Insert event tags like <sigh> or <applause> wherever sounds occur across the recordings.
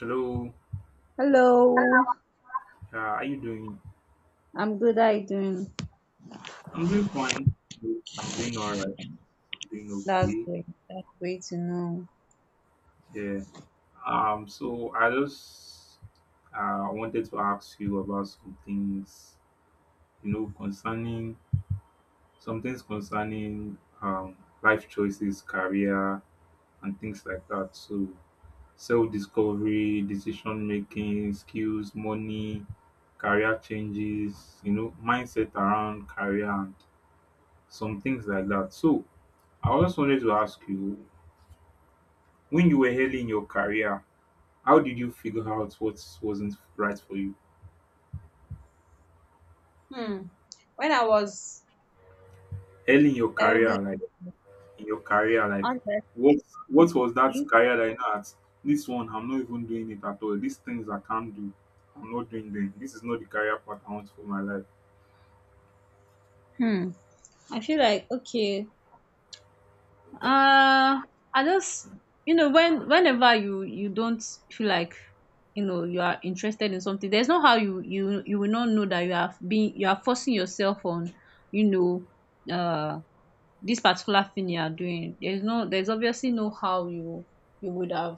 Hello, Hello, how are you doing? I'm good. How you doing? I'm doing fine. I'm doing all right. I'm doing That's okay. great. That's great to know. Yeah. So I just wanted to ask you about some things, concerning some things concerning life choices, career, and things like that. So self-discovery, decision making, skills, money, career changes, mindset around career and some things like that. So I just wanted to ask you, when you were early in your career, how did you figure out what wasn't right for you? Hmm. When I was Early in your career, early like in your career, like on what what was that the career that you know at this one I'm not even doing it at all. These things I can't do. I'm not doing them. This is not the career path I want for my life. hmm, I feel like okay. Uh, I just you know whenever you don't feel like you know you are interested in something, there's no how you will not know that you have been you are forcing yourself on you know uh this particular thing you are doing there's obviously no how you would have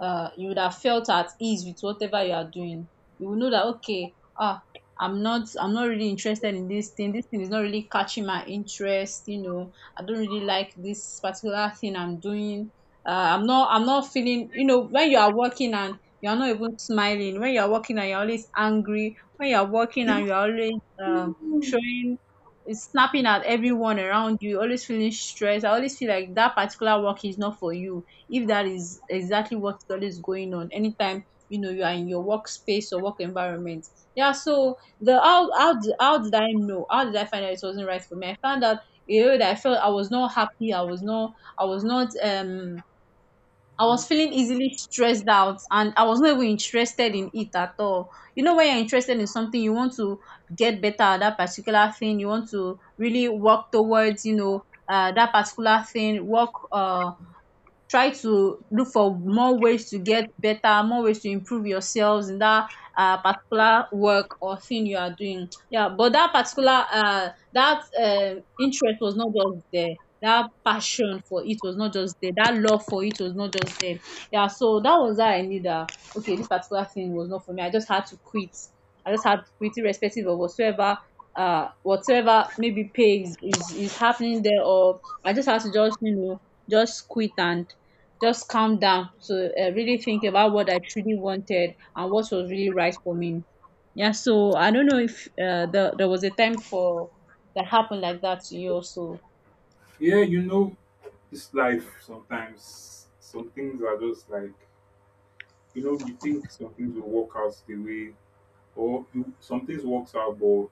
you would have felt at ease with whatever you are doing. You will know that okay ah, I'm not really interested in this thing. This thing is not really catching my interest. You know, I don't really like this particular thing I'm doing. I'm not feeling you know when you are working and you are not even smiling when you are working and you're always angry when you are working and you're <laughs> always showing it's snapping at everyone around you, always feeling stressed. I always feel like that particular work is not for you. If that is exactly what is always going on, anytime you know you are in your workspace or work environment. Yeah, so the how did I know? How did I find out it wasn't right for me? I found out, you know, that I felt I was not happy. I was not I was not um I was feeling easily stressed out and I was not even interested in it at all. You know, when you're interested in something, you want to get better at that particular thing. You want to really work towards, you know, that particular thing, work try to look for more ways to get better, more ways to improve yourselves in that particular work or thing you are doing. Yeah, but that particular that interest was not just there. That passion for it was not just there. That love for it was not just there. Yeah, so that was that I need. Okay, this particular thing was not for me. I just had to quit. I just had to quit, irrespective of whatsoever whatever maybe pay is happening there, or I just had to just you know just quit and just calm down to really think about what I truly wanted and what was really right for me. Yeah, so I don't know if there was a time for that happened like that to you also. Yeah, you know, it's life sometimes. Some things are just like you know, you think some things will work out the way. Or you, some things works out, but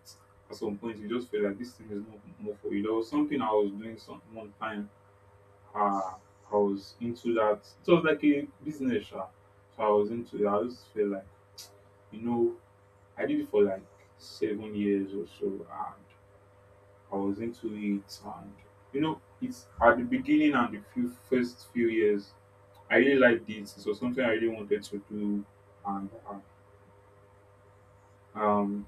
at some point you just feel like this thing is not more for you. There was something I was doing some one time. Uh, I was into that. It was like a business, sha. So I was into it. I just feel like you know I did it for like 7 years or so, and I was into it. And you know, it's at the beginning and the few first few years, I really liked it. It was something I really wanted to do, and um,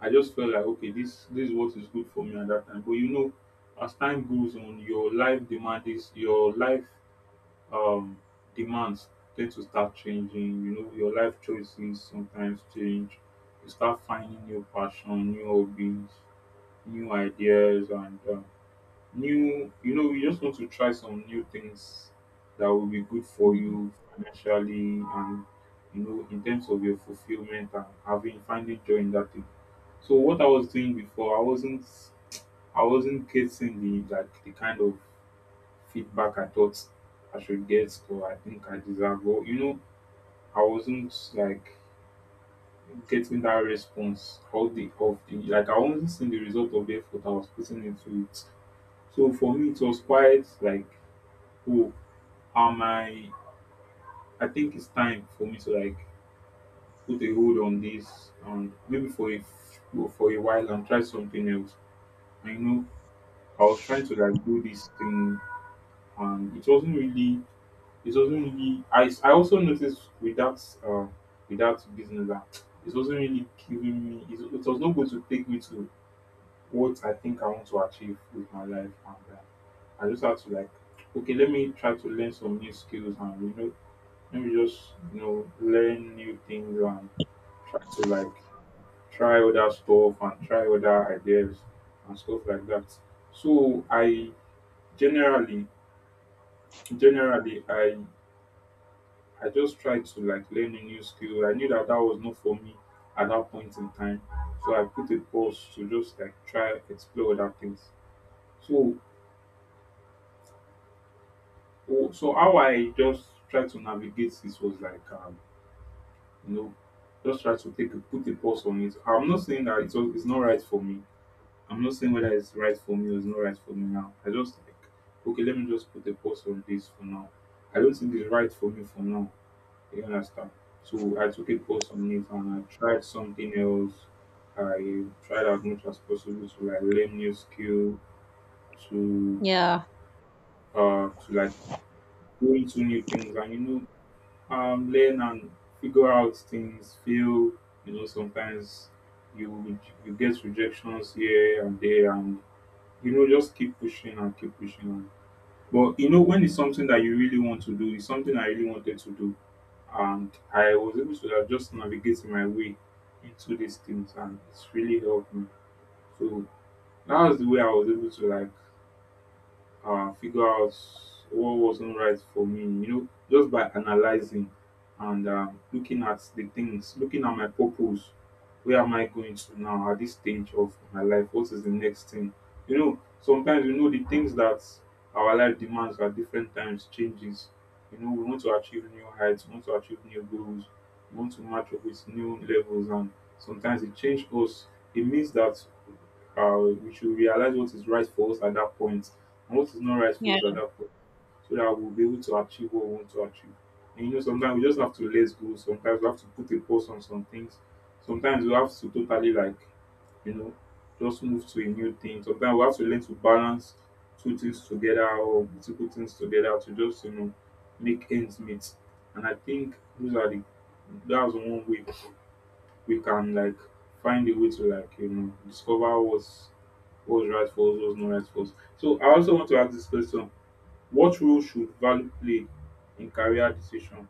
I just felt like okay this is what is good for me at that time. But you know, as time goes on, your life demand is your life um demands tend to start changing. You know, your life choices sometimes change. You start finding new passion, new hobbies, new ideas, and new you know you just want to try some new things that will be good for Mhm. you financially and you know in terms of your fulfillment and having finding joy in that thing. So what I was doing before I wasn't, I wasn't getting the like the kind of feedback I thought I should get or I think I deserve or you know I wasn't like getting that response of the like I wasn't seeing the result of the effort I was putting into it. So for me it was quite like who am I? I think it's time for me to like put a hold on this and maybe for a well, for a while and try something else. I know I was trying to like do this thing and it wasn't really, it wasn't really, I also noticed with that business that it wasn't really giving me it, it was not going to take me to what I think I want to achieve with my life, and I just had to like okay let me try to learn some new skills and you know maybe just you know learn new things and try to like try other stuff and try other ideas and stuff like that. So I generally generally I just try to like learn a new skill. I knew that that was not for me at that point in time, so I put a pause to just like try explore other things. So so how I just try to navigate this was like you know, just try to take a, put a pause on it. I'm not saying that it's not right for me. I'm not saying whether it's right for me or it's not right for me now. I just like, okay, let me just put a pause on this for now. I don't think it's right for me for now. You understand? So I took a pause on it and I tried something else. I tried as much as possible to like learn new skill, to Yeah, to like go into new things and you know learn and figure out things, fail. You know, sometimes you you get rejections here and there, and you know, just keep pushing. And, but you know, when it's something that you really want to do, it's something I really wanted to do, and I was able to like, just navigate my way into these things, and it's really helped me. So that was the way I was able to like figure out what wasn't right for me, you know, just by analyzing and looking at the things, looking at my purpose. Where am I going to now at this stage of my life? What is the next thing? You know, sometimes you know the things that our life demands at different times changes. You know, we want to achieve new heights, we want to achieve new goals, we want to match up with new levels, and sometimes it changes us. It means that uh, we should realize what is right for us at that point and what is not right for yeah. us at that point so that we'll be able to achieve what we want to achieve. And you know, sometimes we just have to let go. Sometimes we have to put a pause on some things. Sometimes we have to totally like, you know, just move to a new thing. Sometimes we have to learn to balance two things together or multiple things together to just you know make ends meet. And I think those are the that's one way we can like find a way to like you know discover what's right for us, what's not right for us. So I also want to ask this question: what role should value play in career decision?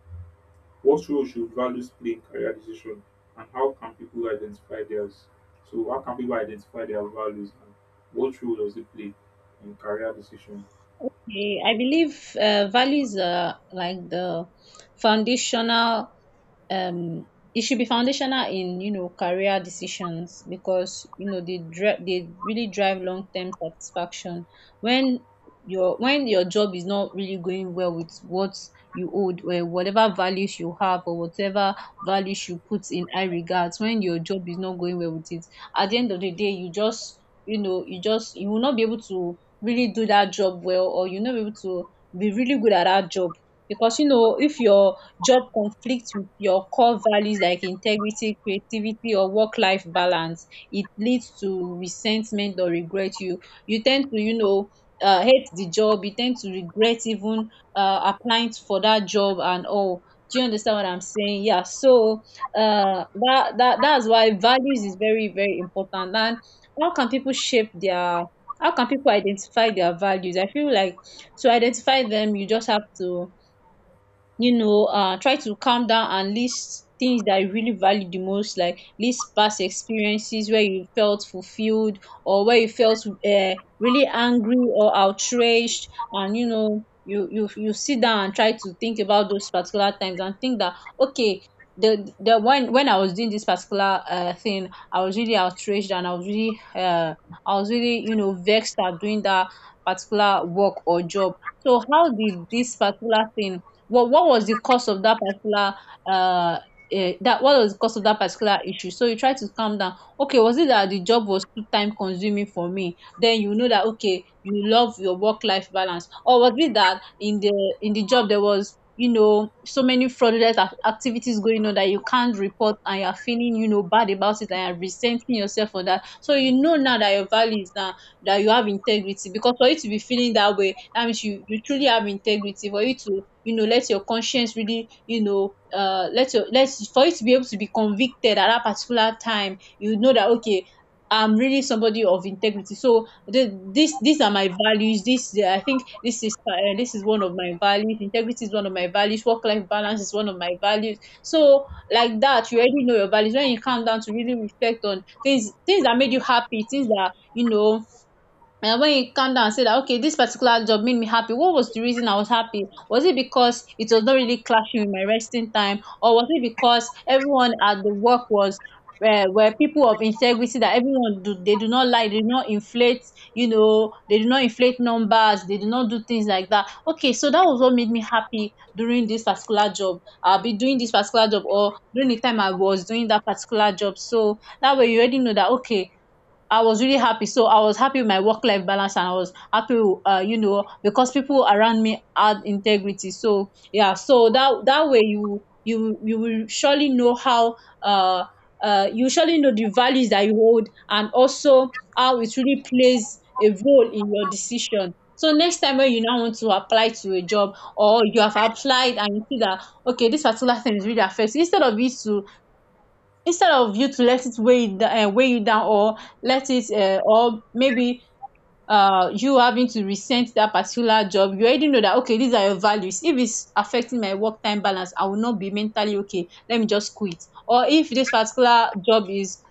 What role should values play in career decision, and how can people identify theirs? So how can people identify their values, and what role does it play in career decision? Okay, I believe values are like the foundational. Um, it should be foundational in you know career decisions because you know they they really drive long term satisfaction. When when your job is not really going well with what you hold or whatever values you have or whatever values you put in high regards, when your job is not going well with it, at the end of the day, you just you know you just you will not be able to really do that job well, or you are not able to be really good at that job, because you know if your job conflicts with your core values like integrity, creativity, or work life balance, it leads to resentment or regret. You tend to you know hate the job. You tend to regret even applying for that job and all. Do you understand what I'm saying? Yeah, so that that's why values is very very important. And how can people shape their how can people identify their values? I feel like to identify them, you just have to you know, try to calm down and list things that you really value the most, like list past experiences where you felt fulfilled or where you felt really angry or outraged. And you know, you sit down and try to think about those particular times and think that okay. The when I was doing this particular thing, I was really outraged and I was really you know vexed at doing that particular work or job. So how did this particular thing well, what was the cause of that particular uh, that what was the cause of that particular issue? So you try to calm down. Okay, was it that the job was too time consuming for me? Then you know that okay, you love your work life balance. Or was it that in the job there was you know so many fraudulent activities going on that you can't report and you're feeling you know bad about it and you're resenting yourself for that, so you know now that your values now that you have integrity, because for you to be feeling that way that means you you truly have integrity. For you to you know let your conscience really you know let your let for you to be able to be convicted at that particular time, you know that okay, I'm really somebody of integrity. So these are my values. This yeah, I think this is one of my values. Integrity is one of my values. Work life balance is one of my values. So like that you already know your values when you calm down to really reflect on things, things that made you happy, things that you know. And when you calm down and say that okay, this particular job made me happy, what was the reason I was happy? Was it because it was not really clashing with my resting time, or was it because everyone at the work was were people of integrity, that everyone do they do not lie, they do not inflate, you know, they do not inflate numbers, they do not do things like that. Okay, so that was what made me happy during this particular job. I'll be doing this particular job or during the time I was doing that particular job. So that way you already know that okay, I was really happy. So I was happy with my work life balance and I was happy, you know, because people around me had integrity. So yeah, so that that way you will surely know how uh you surely know the values that you hold and also how it really plays a role in your decision. So next time when you now want to apply to a job, or you have applied and you see that okay this particular thing is really affecting, instead of you to instead of you to let it weigh you, weigh you down, or let it or maybe you having to resent that particular job, you already know that okay these are your values. If it's affecting my work time balance, I will not be mentally okay, let me just quit. Or if this particular job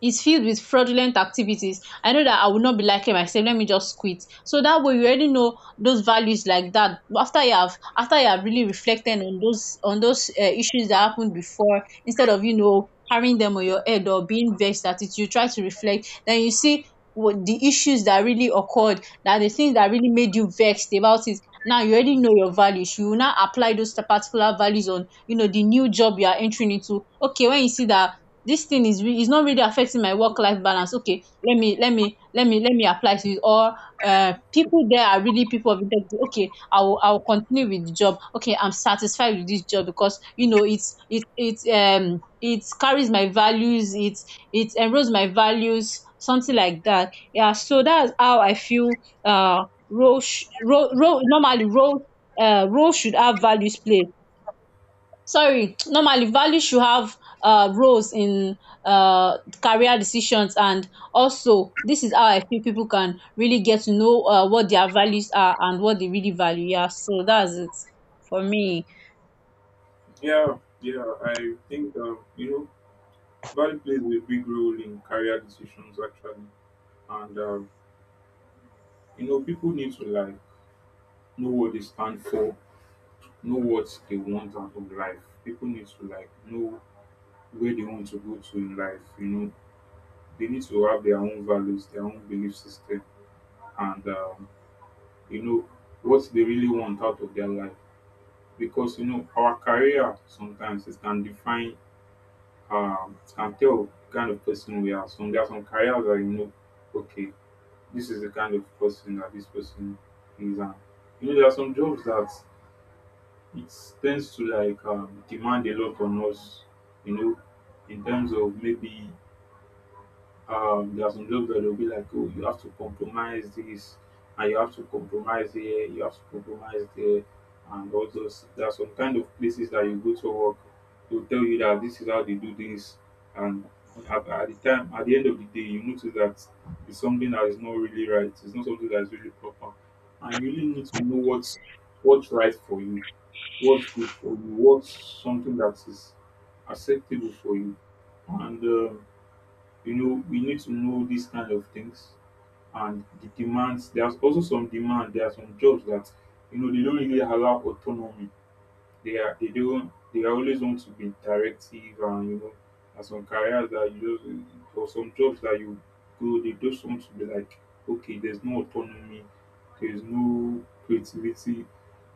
is filled with fraudulent activities, I know that I will not be liking myself, let me just quit. So that way you already know those values like that. After you have after you have really reflected on those issues that happened before, instead of you know carrying them on your head or being vexed at it, you try to reflect, then you see what the issues that really occurred, that the things that really made you vexed about it. Now you already know your values. You will now apply those particular values on you know the new job you are entering into. Okay, when you see that this thing is is not really affecting my work life balance, okay let me apply to it. Or people there are really people of integrity, okay, I will continue with the job. Okay, I'm satisfied with this job because you know it's it carries my values. It enrolls my values, something like that. Yeah, so that's how I feel. uh role sh- role, role normally role role should have values play, sorry, normally value should have roles in career decisions. And also this is how I feel people can really get to know what their values are and what they really value. Yeah, so that's it for me. Yeah, yeah, I think you know value plays a big role in career decisions actually, and you know people need to like know what they stand for, know what they want out of life. People need to like know where they want to go to in life. You know, they need to have their own values, their own belief system, and you know what they really want out of their life. Because you know our career sometimes it can define, it can tell the kind of person we are. So there are some careers that you know, okay, this is the kind of person that this person is, and you know there are some jobs that it tends to like demand a lot on us, you know, in terms of maybe there are some jobs that they'll be like, oh, you have to compromise this, and you have to compromise here, you have to compromise there, and all those. There are some kind of places that you go to work, they'll tell you that this is how they do this, and at the time, at the end of the day, you notice that it's something that is not really right. It's not something that is really proper, and you really need to know what's right for you, what's good for you, what's something that is acceptable for you, and. You know we need to know these kind of things and the demands there's also some demand there are some jobs that you know they don't really allow autonomy they are they do they always want to be interactive and you know and some careers that you just or some jobs that you go they just want to be like okay there's no autonomy there's no creativity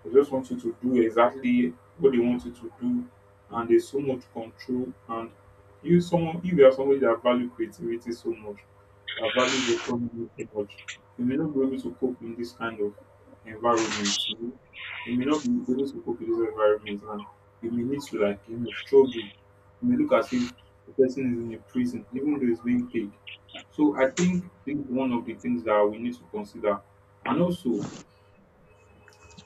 they just want you to do exactly what they want you to do and there's so much control and you someone if you are somebody that value creativity so much that values autonomy so much you may not be able to cope in this kind of environment, you may not be able to cope with this environment, and you may need to like you know struggle. It may look as if the person is in a prison, even though it's being paid. So I think this is one of the things that we need to consider. And also,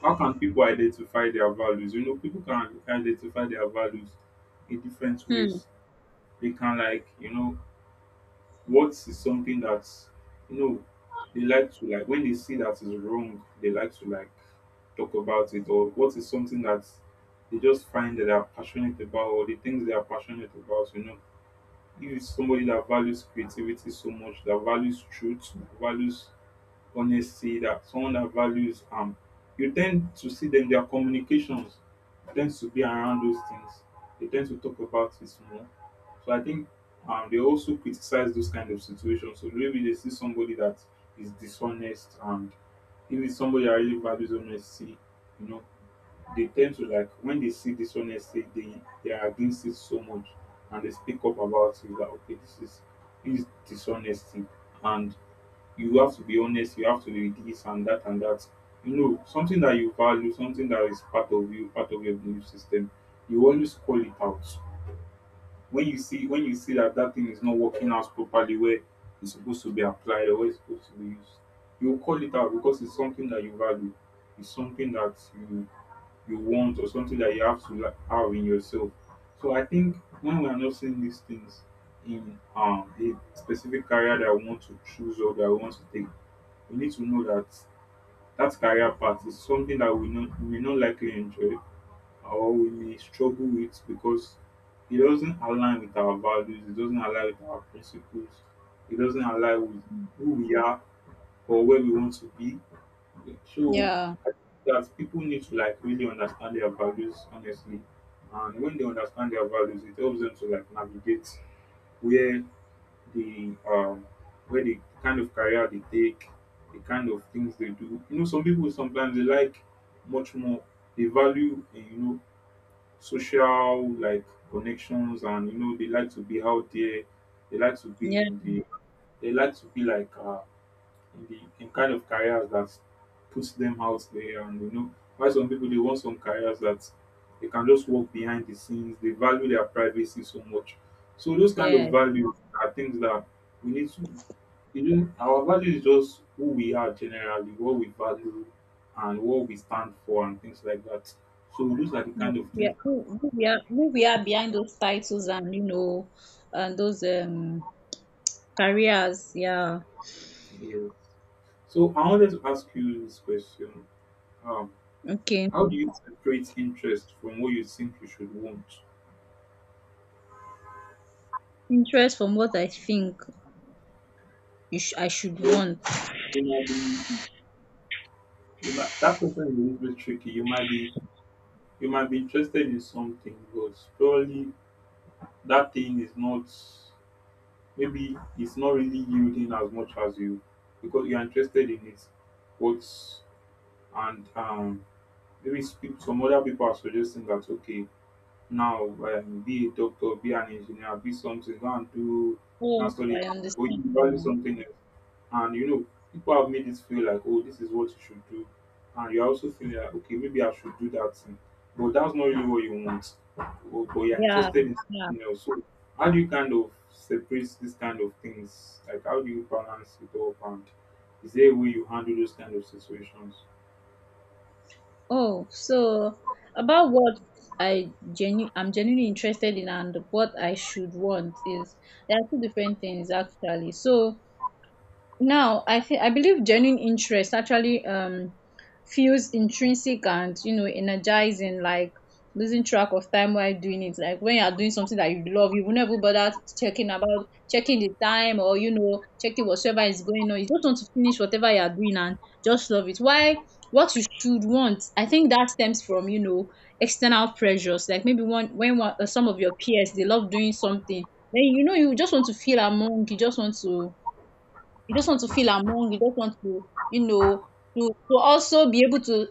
how can people identify their values? You know, people can identify their values in different Hmm. ways. They can like, you know, what is something that you know they like to like when they see that is wrong, they like to like talk about it, or what is something that they just find that they are passionate about, or the things they are passionate about. You know, if it's somebody that values creativity so much, that values truth, that values honesty, that someone that values you tend to see them their communications tends to be around those things. They tend to talk about it more. So I think they also criticize those kind of situations. So maybe they see somebody that is dishonest, and if it's somebody that really values honesty, you know, they tend to like when they see dishonesty, they are against it so much and they speak up about it. Like, okay, this is dishonesty and you have to be honest, you have to be this and that and that. You know, something that you value, something that is part of you, part of your belief system, you always call it out when you see that that thing is not working out properly where it's supposed to be applied or where it's supposed to be used. You call it out because it's something that you value, it's something that you want or something that you have to, like, have in yourself. So I think when we are not seeing these things in a specific career that I want to choose or that I want to take, we need to know that that career path is something that we may not likely enjoy or we may struggle with, because it doesn't align with our values, it doesn't align with our principles, it doesn't align with who we are or where we want to be. So Yeah, I think that people need to, like, really understand their values honestly. And when they understand their values, it helps them to, like, navigate where the where they the kind of career they take, the kind of things they do. You know, some people sometimes they like much more, they value you know, social, like, connections, and you know they like to be out there, they like to be yeah, in the, they like to be like in the in kind of careers that puts them out there. And you know, why some people they want some careers that they can just work behind the scenes, they value their privacy so much. So those kind of yeah, values are things that we need to, you know, our value is just who we are, generally what we value and what we stand for and things like that. So those are the yeah, kind of we things are, that. Who we are, who we are behind those titles, and you know and those careers. Yeah. Yes. So I wanted to ask you this question. um Okay, how do you separate interest from what you think you should want? interest from what I think I should Well, want. you might be, you might, that question is a little bit tricky. You might be interested in something, but probably that thing is not, maybe it's not really yielding as much as you, because you are interested in it. But and maybe speak some other people are suggesting that, okay, now be a doctor, be an engineer, be something, go and do, go Oh, and study, I but understand. you value something else. And you know, people have made it feel like, oh, this is what you should do, and you're also feeling like, okay, maybe I should do that thing, but that's not really what you want, or, but you're Yeah, interested in yeah. something else. So how do you kind of separate these kind of things, like how do you balance it up, and is there a way you handle those kind of situations? Oh, so about what I genu I'm genuinely interested in and what I should want is there are two different things actually. So now, I think I believe genuine interest actually feels intrinsic and you know energizing. Like losing track of time while doing it. Like when you are doing something that you love, you will never bother checking the time, or you know, checking whatsoever is going on. You just want to finish whatever you are doing and just love it. Why? What you should want, I think that stems from you know external pressures. Like maybe one when one, some of your peers they love doing something, then you know you just want to feel among, you just want to feel among, you just want to, you know, to also be able to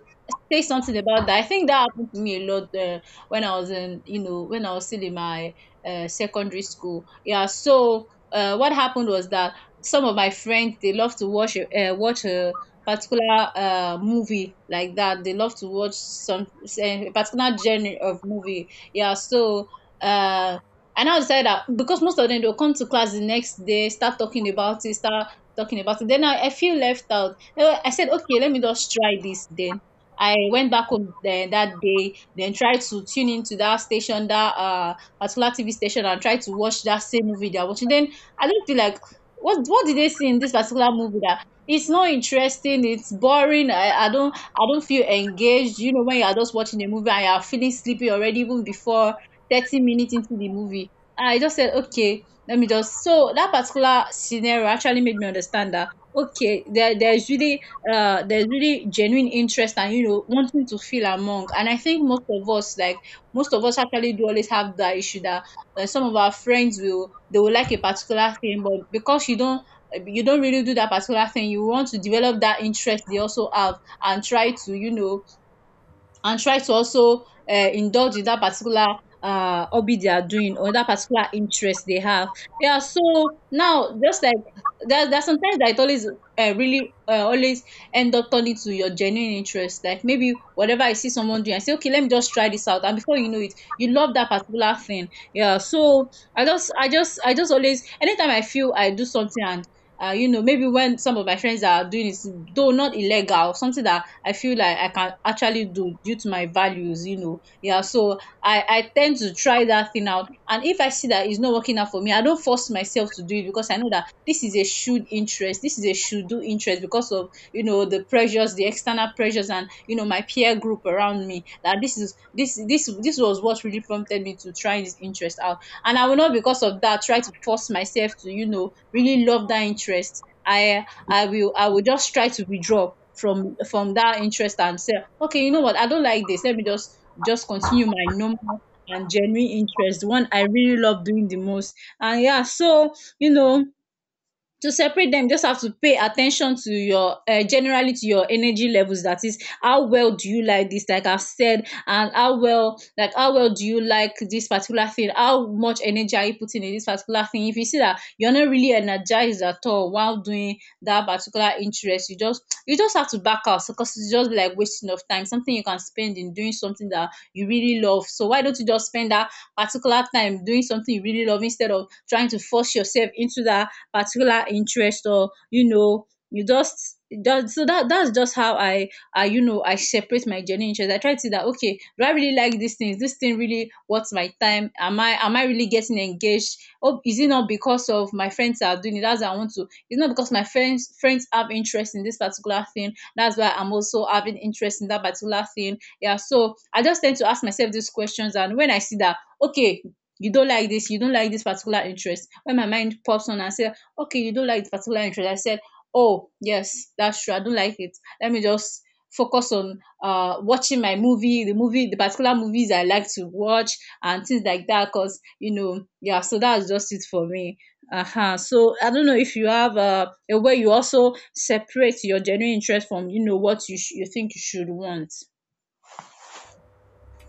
say something about that. I think that happened to me a lot, when I was in, you know, when I was still in my secondary school. Yeah, so what happened was that some of my friends they love to watch watch a particular movie like that. They love to watch some a particular genre of movie. Yeah, so uh, and I now decided that because most of them they'll come to class the next day, start talking about it, Then I feel left out. I said, okay, let me just try this then. I went back home then that day, then tried to tune into that station, that particular TV station, and tried to watch that same movie they're watching. Then I don't feel like what did they see in this particular movie, that it's not interesting, it's boring. I don't feel engaged. You know, when you are just watching a movie and you are feeling sleepy already even before 30 minutes into the movie. I just said, okay, let me just so that particular scenario actually made me understand that okay, there's really there's really genuine interest and you know wanting to feel among. And I think most of us like most of us actually do always have that issue that, some of our friends will they will like a particular thing, but because you don't really do that particular thing, you want to develop that interest they also have, and try to, you know, and try to also indulge in that particular hobby they are doing or that particular interest they have. Yeah, so now, just like there are sometimes that it always really always end up turning to your genuine interest. Like maybe whatever I see someone doing, I say, okay, let me just try this out. And before you know it, you love that particular thing. Yeah. So I just always, anytime I feel I do something, and you know, maybe when some of my friends are doing it, though not illegal, something that I feel like I can actually do due to my values, you know. Yeah, so I tend to try that thing out. And if I see that it's not working out for me, I don't force myself to do it, because I know that this is a should interest, this is a should do interest, because of, you know, the pressures, the external pressures, and, you know, my peer group around me. That this is this was what really prompted me to try this interest out, and I will not, because of that, try to force myself to, you know, really love that interest. I will just try to withdraw from that interest, and say, okay, you know what, I don't like this, let me just continue my normal and genuine interest, the one I really love doing the most. And yeah, so, you know, to separate them, just have to pay attention to your, generally to your energy levels. That is, how well do you like this, like I've said, and how well do you like this particular thing, how much energy are you putting in this particular thing. If you see that you're not really energized at all while doing that particular interest, you just have to back out, because it's just like wasting of time, something you can spend in doing something that you really love. So why don't you just spend that particular time doing something you really love, instead of trying to force yourself into that particular interest. Or you know, you just that's just how I, you know, I separate my journey. Interest. I try to see that, okay, do I really like these things? This thing really worth my time? Am I really getting engaged? Oh, is it not because of my friends are doing it? That's why I want to. It's not because my friends have interest in this particular thing. That's why I'm also having interest in that particular thing. Yeah. So I just tend to ask myself these questions, and when I see that okay, you don't like this, you don't like this particular interest. When my mind pops on and say, okay, you don't like the particular interest. I said, oh, yes, that's true. I don't like it. Let me just focus on watching my movie, the particular movies I like to watch, and things like that because, you know. Yeah, so that's just it for me. Uh-huh. So I don't know if you have, a way you also separate your genuine interest from, you know, what you, you think you should want.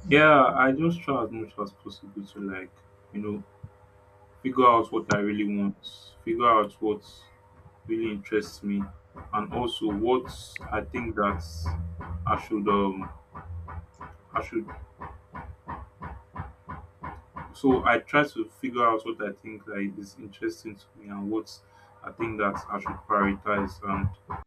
Yeah, I just try as much as possible to, like, you know, figure out what I really want, figure out what really interests me, and also what I think that I should um I should. So I try to figure out what I think, like, is interesting to me and what I think that I should prioritize. And